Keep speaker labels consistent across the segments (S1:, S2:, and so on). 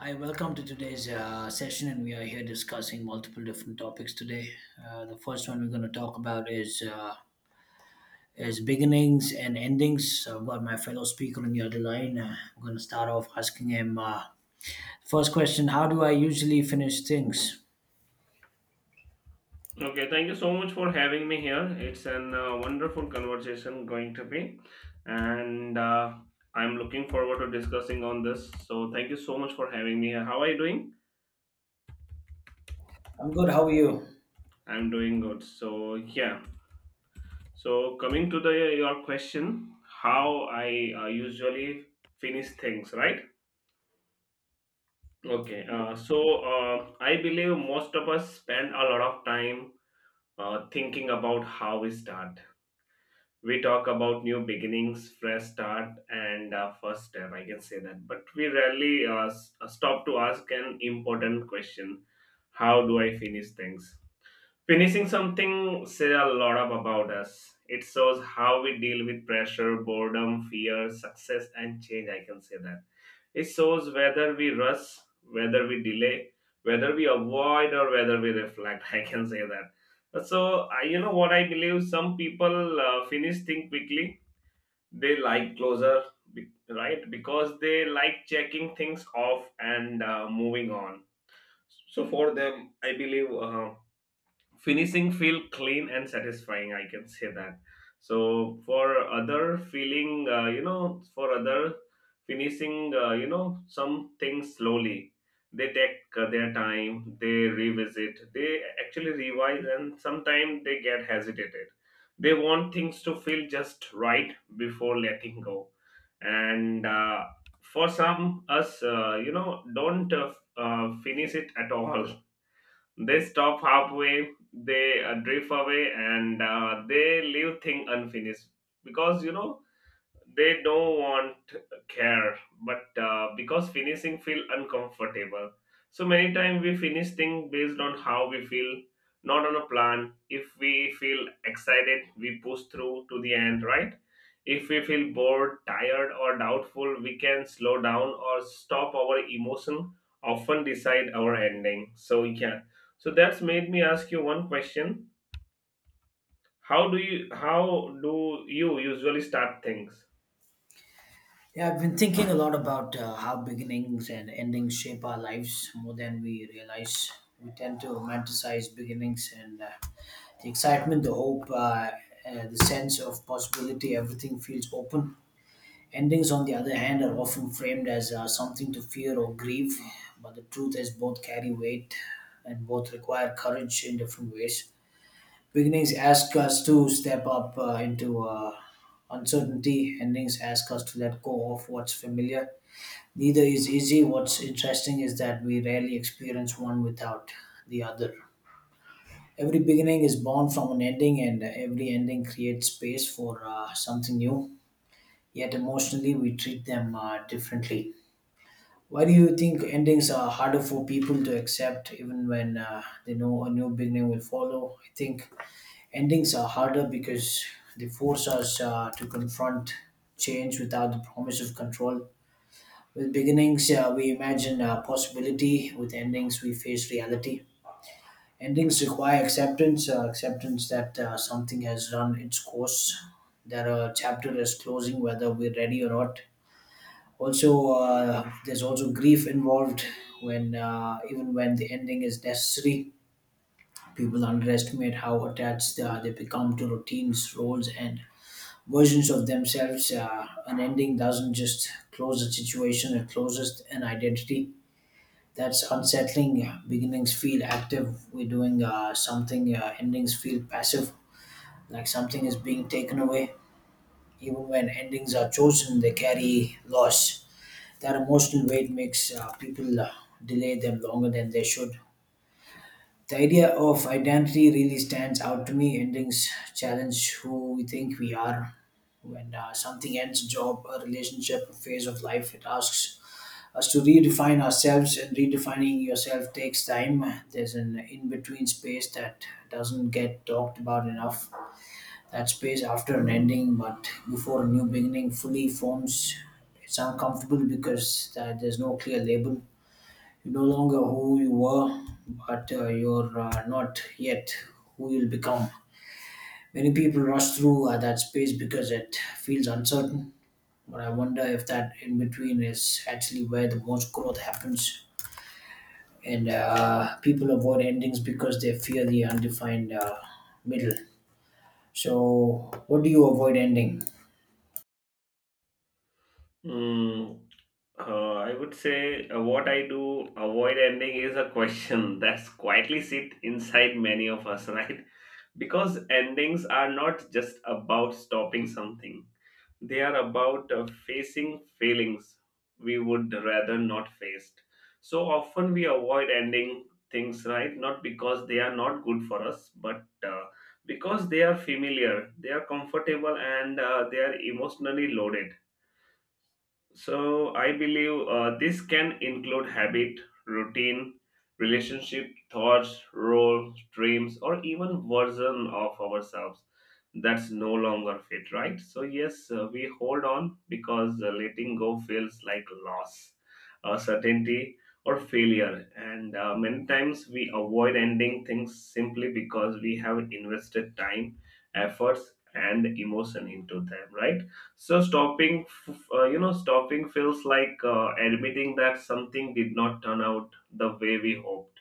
S1: Hi, welcome to today's session, and we are here discussing multiple different topics today. The first one we're going to talk about is beginnings and endings. So I've got my fellow speaker on the other line. I'm going to start off asking him first question: How do I usually finish things?
S2: Okay, thank you so much for having me here. It's an wonderful conversation going to be, and I'm looking forward to discussing on this. So thank you so much for having me here. How are you doing?
S1: I'm good. How are you?
S2: I'm doing good. So yeah. So coming to the your question, how I usually finish things, right? Okay. So I believe most of us spend a lot of time thinking about how we start we talk about new beginnings, fresh start, and first step. I can say that, but we rarely stop to ask an important question: How do I finish things? Finishing something says a lot of about us. It shows how we deal with pressure, boredom, fear, success, and change. I can say that it shows whether we rush, whether we delay, whether we avoid, or whether we reflect. I can say that. So, I, you know what I believe? Some people finish things quickly. They like closure, right? Because they like checking things off and moving on. So, for them, I believe. Finishing feel clean and satisfying, I can say that. So for other feeling, you know, for other finishing, you know, some things slowly, they take their time, they revisit, they actually revise, and sometimes they get hesitated. They want things to feel just right before letting go, and for some us, you know, don't finish it at all. They stop halfway, they drift away, and they leave thing unfinished because, you know, they don't want care, but because finishing feel uncomfortable. So many times we finish things based on how we feel, not on a plan. If we feel excited, we push through to the end, right? If we feel bored, tired, or doubtful, we can slow down or stop our emotion. Often decide our ending. So yeah, so that's made me ask you one question. How do you usually start things?
S1: Yeah, I've been thinking a lot about how beginnings and endings shape our lives more than we realize. We tend to romanticize beginnings and the excitement, the hope, the sense of possibility, everything feels open. Endings, on the other hand, are often framed as something to fear or grieve, but the truth is both carry weight and both require courage in different ways. Beginnings ask us to step up into uncertainty. Endings ask us to let go of what's familiar. Neither is easy. What's interesting is that we rarely experience one without the other. Every beginning is born from an ending, and every ending creates space for something new. Yet emotionally, we treat them differently. Why do you think endings are harder for people to accept, even when they know a new beginning will follow? I think endings are harder because they force us to confront change without the promise of control. With beginnings, we imagine possibility. With endings, we face reality. Endings require acceptance, acceptance that something has run its course, that a chapter is closing, whether we're ready or not. Also, there's also grief involved when, even when the ending is necessary, people underestimate how attached they become to routines, roles, and versions of themselves. An ending doesn't just close a situation, it closes an identity. That's unsettling. Beginnings feel active. We're doing something, endings feel passive, like something is being taken away. Even when endings are chosen, they carry loss. That emotional weight makes people delay them longer than they should. The idea of identity really stands out to me. Endings challenge who we think we are. When something ends, a job, a relationship, a phase of life, it asks us to redefine ourselves, and redefining yourself takes time. There's an in between space that doesn't get talked about enough. That space after an ending, but before a new beginning fully forms, it's uncomfortable because there's no clear label. You're no longer who you were, but you're not yet who you'll become. Many people rush through that space because it feels uncertain, but I wonder if that in between is actually where the most growth happens. And people avoid endings because they fear the undefined middle. So, what do you avoid ending?
S2: Mm, I would say what I do avoid ending is a question that's quietly sit inside many of us, right? Because endings are not just about stopping something, they are about facing feelings we would rather not face. So often we avoid ending things, right? Not because they are not good for us, but because they are familiar, they are comfortable, and they are emotionally loaded. So I believe this can include habit, routine, relationship, thoughts, role, dreams, or even version of ourselves that's no longer fit, right? So yes, we hold on because letting go feels like loss, certainty, or failure, and many times we avoid ending things simply because we have invested time, efforts, and emotion into them, right? So stopping, stopping feels like admitting that something did not turn out the way we hoped.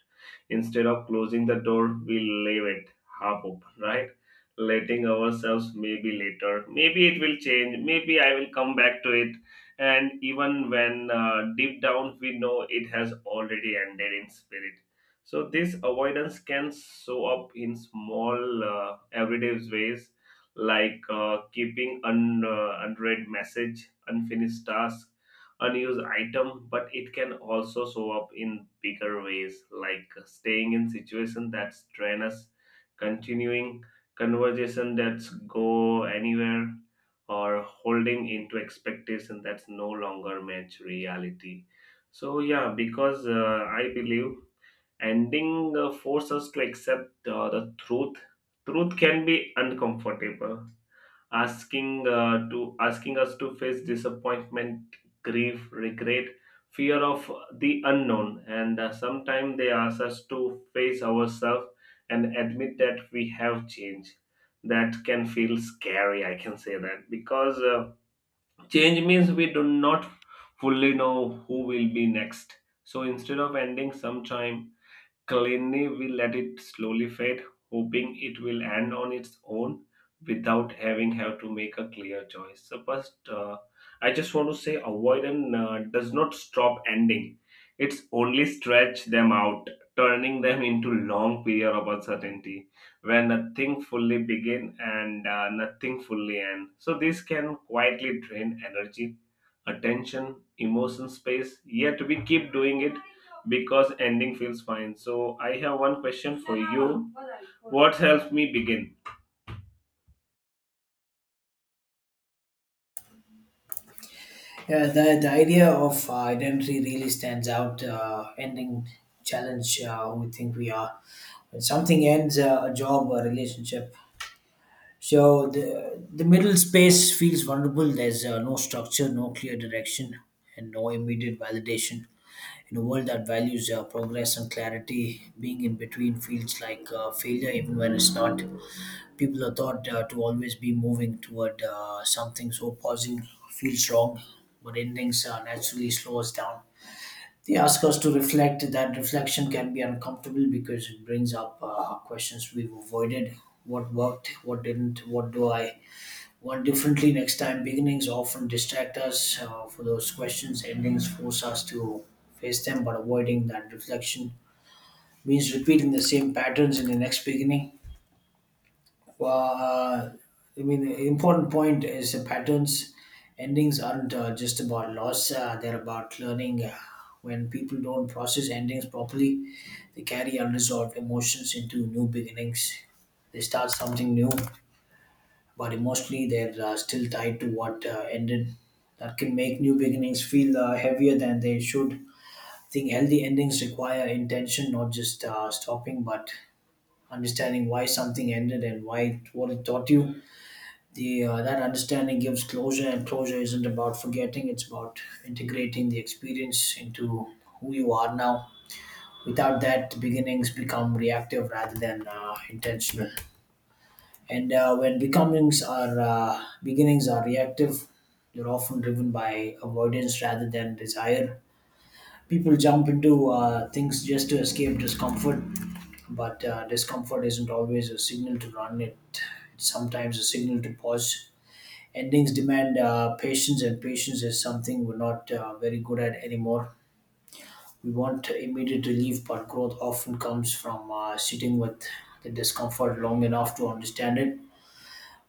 S2: Instead of closing the door, we leave it half open, right? Letting ourselves maybe later, maybe it will change, maybe I will come back to it. And even when deep down we know it has already ended in spirit. So this avoidance can show up in small everyday ways, like keeping unread message, unfinished task, unused item, but it can also show up in bigger ways, like staying in situation that strain us, continuing conversation that's go anywhere, or holding into expectation that's no longer match reality. So yeah, because I believe ending forces us to accept the truth. Truth can be uncomfortable, asking to asking us to face disappointment, grief, regret, fear of the unknown, and sometimes they ask us to face ourselves and admit that we have changed. That can feel scary, I can say that, because change means we do not fully know who will be next. So instead of ending sometime, Kalini will let it slowly fade, hoping it will end on its own without having have to make a clear choice. So first, I just want to say avoidance does not stop ending. It's only stretch them out, turning them into long period of uncertainty where nothing fully begin and nothing fully end. So this can quietly drain energy, attention, emotion space, yet we keep doing it because ending feels fine. So I have one question for you. What helped me begin?
S1: Yeah, the idea of identity really stands out. Ending challenge who we think we are. When something ends, a job, a relationship. So the middle space feels vulnerable. There's no structure, no clear direction, and no immediate validation. In a world that values progress and clarity, being in between feels like failure, even when it's not. People are taught to always be moving toward something, so pausing feels wrong, but endings naturally slow us down. They ask us to reflect. That reflection can be uncomfortable because it brings up questions we've avoided. What worked? What didn't? What do I What differently next time. Beginnings often distract us for those questions. Endings force us to face them, but avoiding that reflection means repeating the same patterns in the next beginning. Uh, I mean, the important point is the patterns. Endings aren't just about loss, they're about learning. When people don't process endings properly, they carry unresolved emotions into new beginnings. They start something new, but emotionally they're still tied to what ended. That can make new beginnings feel heavier than they should. I think healthy endings require intention, not just stopping, but understanding why something ended and what it taught you. The that understanding gives closure, and closure isn't about forgetting; it's about integrating the experience into who you are now. Without that, beginnings become reactive rather than intentional. And when becomings are beginnings are reactive, they're often driven by avoidance rather than desire. People jump into things just to escape discomfort, but discomfort isn't always a signal to run it. It's sometimes a signal to pause. Endings demand patience, and patience is something we're not very good at anymore. We want immediate relief, but growth often comes from sitting with the discomfort long enough to understand it.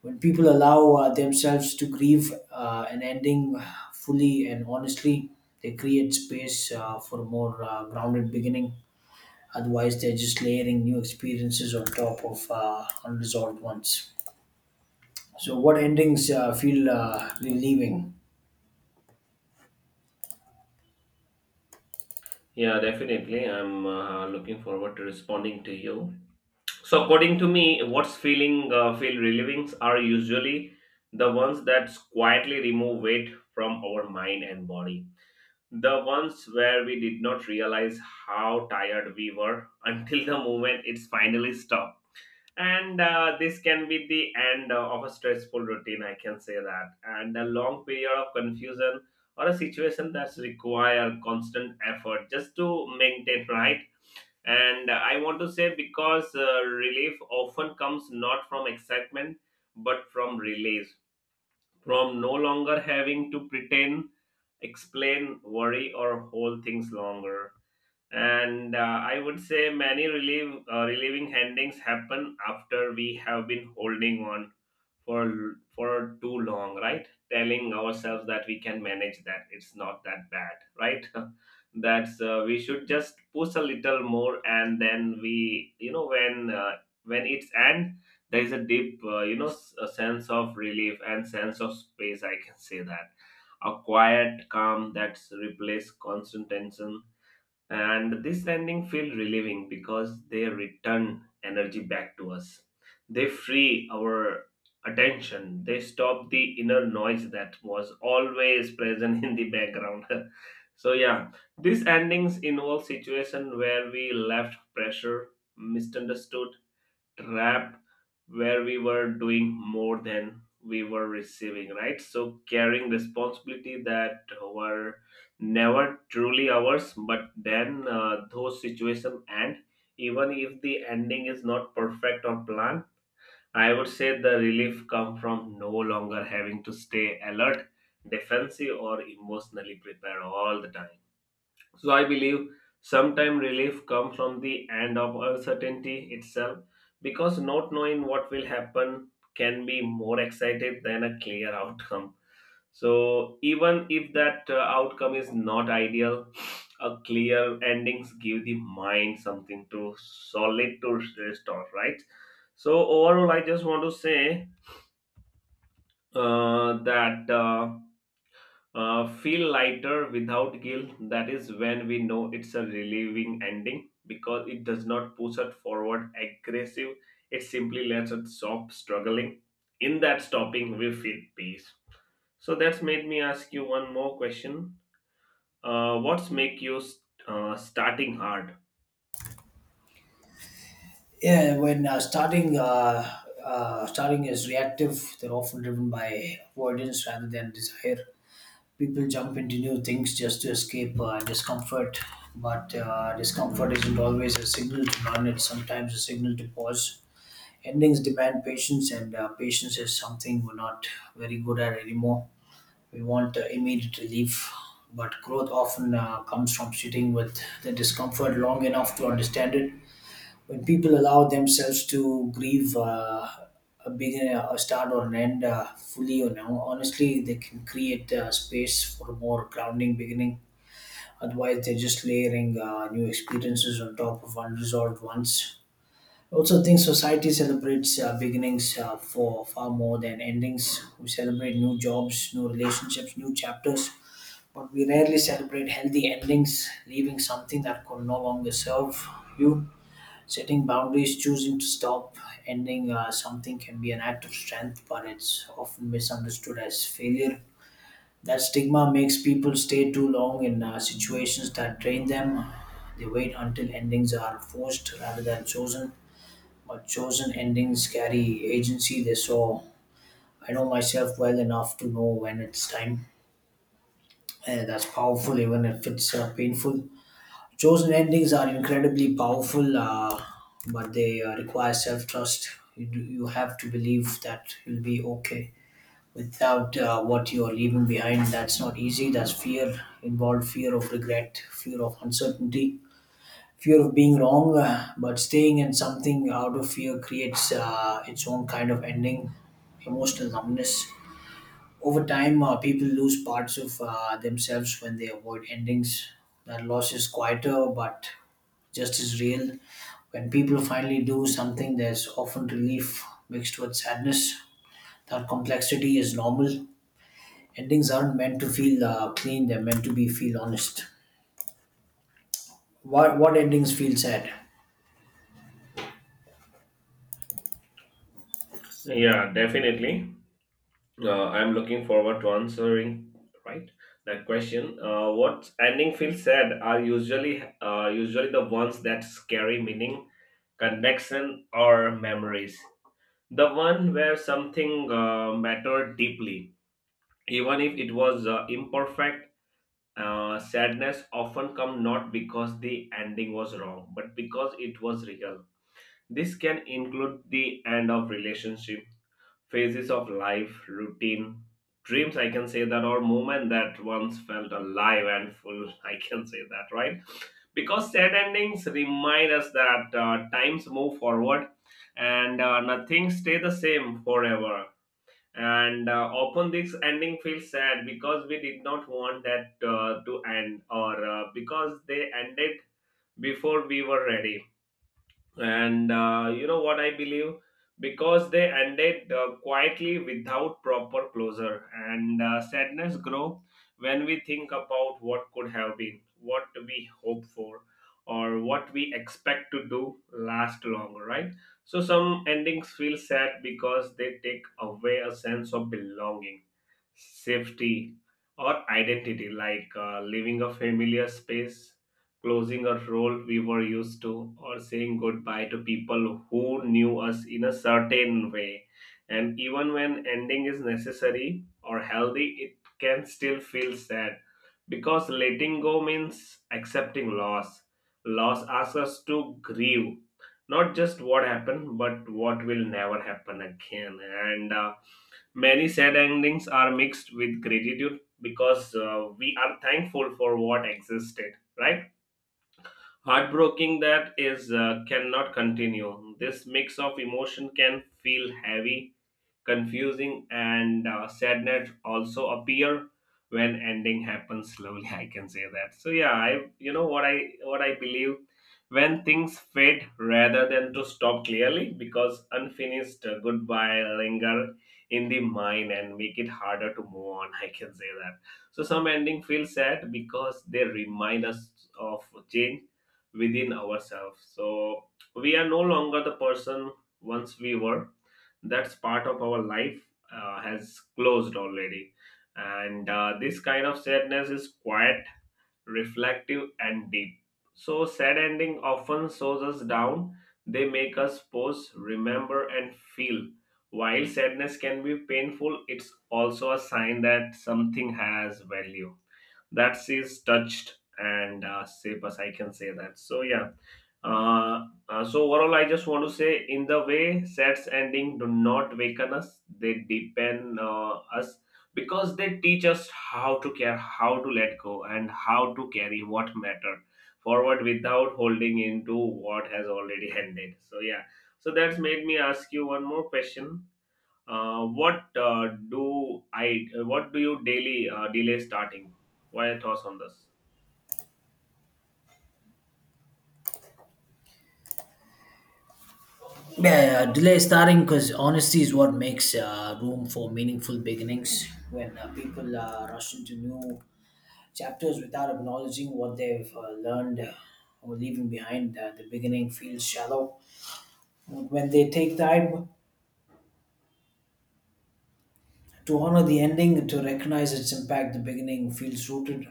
S1: When people allow themselves to grieve an ending fully and honestly, they create space for a more grounded beginning. Otherwise, they're just layering new experiences on top of unresolved ones. So, what endings feel relieving?
S2: Yeah, definitely. I'm looking forward to responding to you. So, according to me, what's feel relievings are usually the ones that quietly remove weight from our mind and body. The ones where we did not realize how tired we were until the moment it's finally stopped. And this can be the end of a stressful routine, I can say that, and a long period of confusion, or a situation that's require constant effort just to maintain, right? And I want to say, because relief often comes not from excitement but from release, from no longer having to pretend, explain, worry, or hold things longer. And I would say many relief relieving endings happen after we have been holding on for too long, right? Telling ourselves that we can manage, that it's not that bad, right? that's We should just push a little more, and then we, you know, when it's end, there is a deep a sense of relief and sense of space, I can say that. A quiet calm that's replaced constant tension, and this landing feel relieving because they return energy back to us, they free our attention, they stop the inner noise that was always present in the background. So yeah, these endings involve situation where we left pressure, misunderstood, rap, where we were doing more than we were receiving, right? So carrying responsibility that were never truly ours, but then those situations end. Even if the ending is not perfect or planned, I would say the relief come from no longer having to stay alert, defensive, or emotionally prepared all the time. So I believe sometime relief comes from the end of uncertainty itself, because not knowing what will happen can be more excited than a clear outcome. So even if that outcome is not ideal, a clear endings give the mind something to solid to rest on, right? So overall, I just want to say that. Feel lighter without guilt. That is when we know it's a relieving ending, because it does not push us forward aggressive. It simply lets us stop struggling. In that stopping, we feel peace. So that's made me ask you one more question. What's make you starting hard?
S1: Yeah, when starting is reactive, they're often driven by avoidance rather than desire. People jump into new things just to escape discomfort, but discomfort isn't always a signal to run, it's sometimes a signal to pause. Endings demand patience, and patience is something we're not very good at anymore. We want immediate relief, but growth often comes from sitting with the discomfort long enough to understand it. When people allow themselves to grieve a beginning, a start, or an end fully, you know, honestly, they can create space for a more grounding beginning. Otherwise, they're just layering new experiences on top of unresolved ones. I also think society celebrates beginnings for far more than endings. We celebrate new jobs, new relationships, new chapters, but we rarely celebrate healthy endings, leaving something that could no longer serve you. Setting boundaries, choosing to stop, ending something can be an act of strength, but it's often misunderstood as failure. That stigma makes people stay too long in situations that drain them. They wait until endings are forced rather than chosen. But chosen endings carry agency. They, so I know myself well enough to know when it's time. That's powerful, even if it's painful. Chosen endings are incredibly powerful, but they require self trust. You have to believe that you'll be okay without what you're leaving behind. That's not easy. That's fear, involved fear of regret, fear of uncertainty, fear of being wrong. But staying in something out of fear creates its own kind of ending, emotional numbness. Over time, people lose parts of themselves when they avoid endings. That loss is quieter, but just as real. When people finally do something, there's often relief mixed with sadness. That complexity is normal. Endings aren't meant to feel clean; they're meant to be feel honest. What endings feel sad?
S2: Yeah, definitely. I'm looking forward to answering right that question. What ending feels sad are usually usually the ones that carry meaning, connection, or memories. The one where something mattered deeply, even if it was imperfect. Sadness often come not because the ending was wrong, but because it was real. This can include the end of relationship, phases of life, routine, dreams, I can say that, or moment that once felt alive and full, I can say that, right? Because sad endings remind us that times move forward and nothing stay the same forever. And often this ending feels sad because we did not want that to end, or because they ended before we were ready, and you know what I believe, because they ended quietly without proper closure, and sadness grow when we think about what could have been, what we hope for, or what we expect to do last long, right? So some endings feel sad because they take away a sense of belonging, safety, or identity, like leaving a familiar space, closing a role we were used to, or saying goodbye to people who knew us in a certain way. And even when ending is necessary or healthy, it can still feel sad because letting go means accepting loss. Loss asks us to grieve, not just what happened, but what will never happen again. And many sad endings are mixed with gratitude because we are thankful for what existed, right? Heartbroken that is cannot continue. This mix of emotion can feel heavy, confusing, and sadness also appear when ending happens slowly. I can say that. So yeah, I, you know what I believe when things fade rather than to stop clearly because unfinished goodbye linger in the mind and make it harder to move on. I can say that. So some ending feel sad because they remind us of change within ourselves. So we are no longer the person once we were. That's part of our life has closed already. And this kind of sadness is quiet, reflective, and deep. So sad ending often slows us down. They make us pause, remember, and feel. While sadness can be painful, it's also a sign that something has value, that says touched and shape. I can say that. So yeah. So overall, I just want to say, in the way sets ending do not weaken us; they deepen us because they teach us how to care, how to let go, and how to carry what matter forward without holding into what has already ended. So yeah. So that's made me ask you one more question. What do I? What do you daily delay starting? What are your thoughts on this?
S1: Yeah, yeah, delay starting because honesty is what makes room for meaningful beginnings. When people rush into new chapters without acknowledging what they've learned or leaving behind, the beginning feels shallow. When they take time to honor the ending, to recognize its impact, the beginning feels rooted.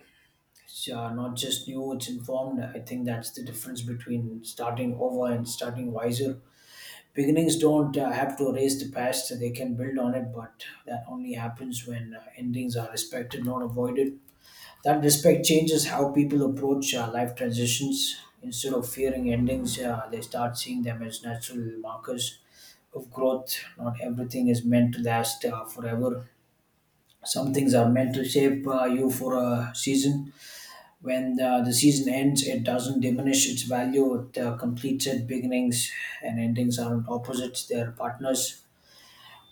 S1: It's not just new, it's informed. I think that's the difference between starting over and starting wiser. Beginnings don't have to erase the past, they can build on it, but that only happens when endings are respected, not avoided. That respect changes how people approach life transitions. Instead of fearing endings, they start seeing them as natural markers of growth. Not everything is meant to last forever, some things are meant to shape you for a season. When the season ends, it doesn't diminish its value. It completes it. Beginnings and endings aren't opposites, they're partners.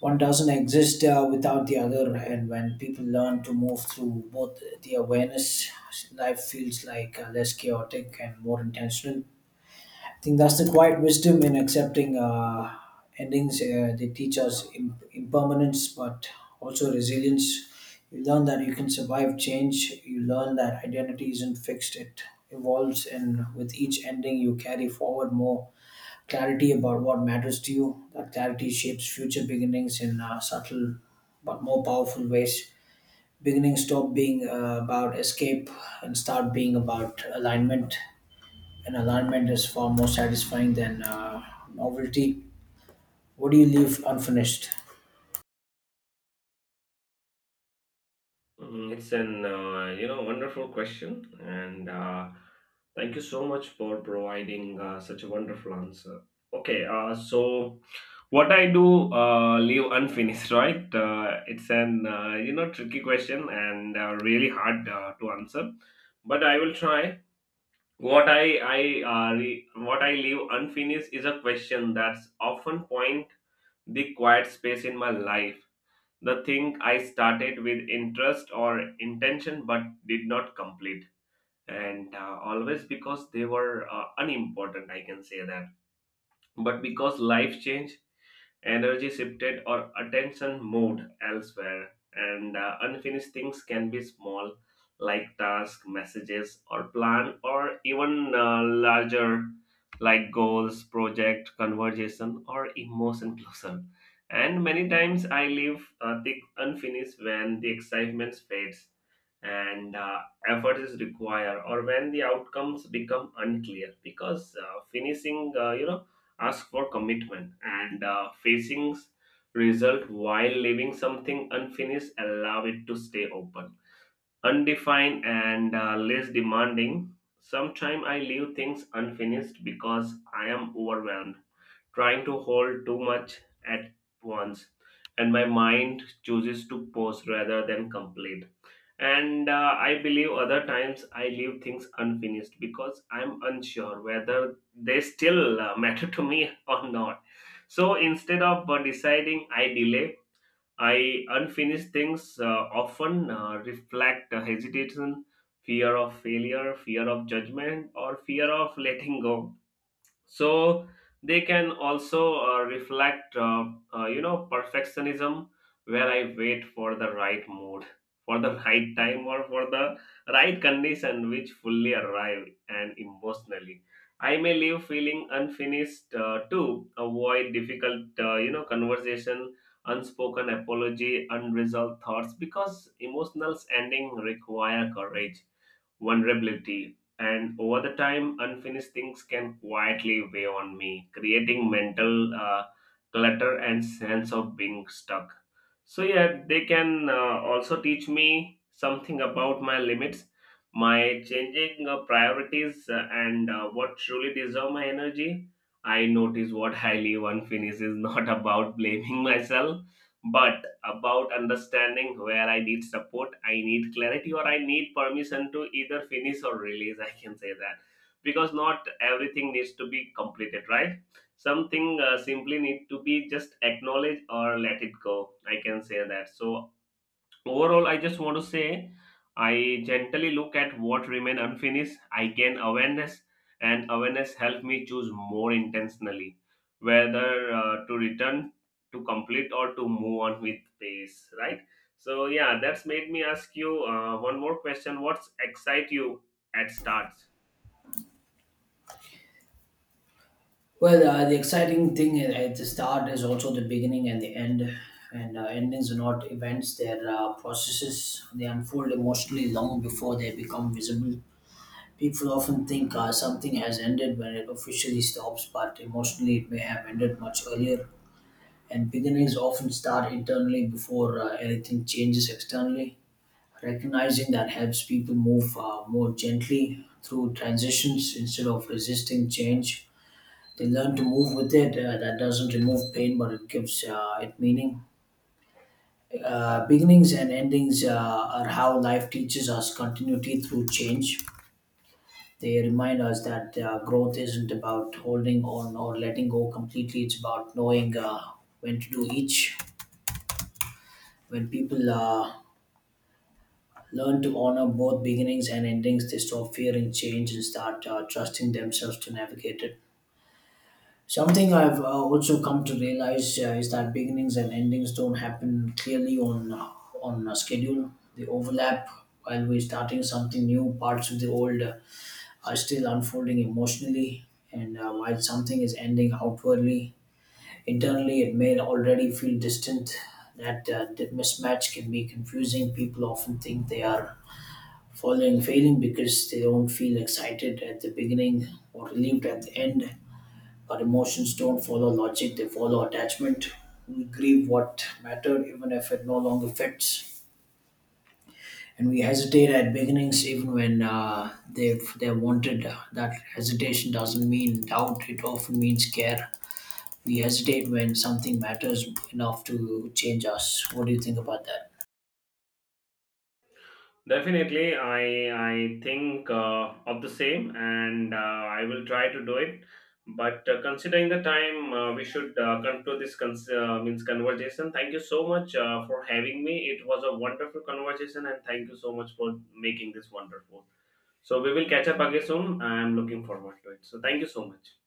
S1: One doesn't exist without the other, and when people learn to move through both the awareness, life feels like less chaotic and more intentional. I think that's the quiet wisdom in accepting endings. They teach us impermanence, but also resilience. You learn that you can survive change. You learn that identity isn't fixed; it evolves, and with each ending, you carry forward more clarity about what matters to you. That clarity shapes future beginnings in subtle but more powerful ways. Beginnings stop being about escape and start being about alignment. An alignment is far more satisfying than novelty. What do you leave unfinished?
S2: It's an wonderful question, and thank you so much for providing such a wonderful answer. Okay, so what I do leave unfinished, right? It's an tricky question and really hard to answer, but I will try. What I leave unfinished is a question that's often point the quiet space in my life, the thing I started with interest or intention but did not complete, and always because they were unimportant. I can say that, but because life changed, energy shifted, or attention moved elsewhere. And unfinished things can be small, like tasks, messages, or plan, or even larger, like goals, project, conversation, or emotion closure. And many times I leave the unfinished when the excitement fades and effort is required, or when the outcomes become unclear because finishing ask for commitment and facing result, while leaving something unfinished allow it to stay open, undefined, and less demanding. Sometimes I leave things unfinished because I am overwhelmed, trying to hold too much at once, and my mind chooses to pause rather than complete. And I believe other times I leave things unfinished because I'm unsure whether they still matter to me or not. So instead of deciding, I delay. I unfinished things often reflect hesitation, fear of failure, fear of judgment, or fear of letting go. So they can also reflect perfectionism where I wait for the right mood, for the right time, or for the right condition which fully arrive. And emotionally, I may leave feeling unfinished to avoid difficult conversation unspoken apology, unresolved thoughts because emotional ending require courage, vulnerability, and over the time, unfinished things can quietly weigh on me, creating mental clutter and sense of being stuck. So yeah, they can also teach me something about my limits, my changing priorities, and what truly deserve my energy. I notice what I leave unfinished is not about blaming myself, but about understanding where I need support, I need clarity, or I need permission to either finish or release. I can say that, because not everything needs to be completed, right? Something simply need to be just acknowledged or let it go. I can say that. So overall, I just want to say I gently look at what remain unfinished. I gain awareness, and awareness help me choose more intentionally whether to return to complete or to move on with pace. Right. So yeah, that's made me ask you one more question. What's excite you at starts?
S1: Well, the exciting thing at the start is also the beginning and the end. And endings are not events, they're processes. They unfold emotionally long before they become visible. People often think something has ended when it officially stops, but emotionally it may have ended much earlier. And beginnings often start internally before anything changes externally. Recognizing that helps people move more gently through transitions instead of resisting change. They learn to move with it. That doesn't remove pain, but it gives it meaning. Beginnings and endings are how life teaches us continuity through change. They remind us that growth isn't about holding on or letting go completely. It's about knowing when to do each. When people learn to honor both beginnings and endings. They stop fearing change and start trusting themselves to navigate it. Something I've also come to realize is that beginnings and endings don't happen clearly on a schedule. They overlap. While we're starting something new, parts of the old are still unfolding emotionally. And while something is ending outwardly, internally it may already feel distant. That mismatch can be confusing. People often think they are following failing because they don't feel excited at the beginning or relieved at the end. Our emotions don't follow logic, they follow attachment. We grieve what mattered even if it no longer fits. And we hesitate at beginnings even when they're wanted. That hesitation doesn't mean doubt, it often means care. We hesitate when something matters enough to change us. What do you think about that?
S2: Definitely, I think of the same, and I will try to do it. But considering the time, we should conclude this cons- means conversation. Thank you so much for having me. It was a wonderful conversation, and thank you so much for making this wonderful. So we will catch up again soon. I am looking forward to it. So thank you so much.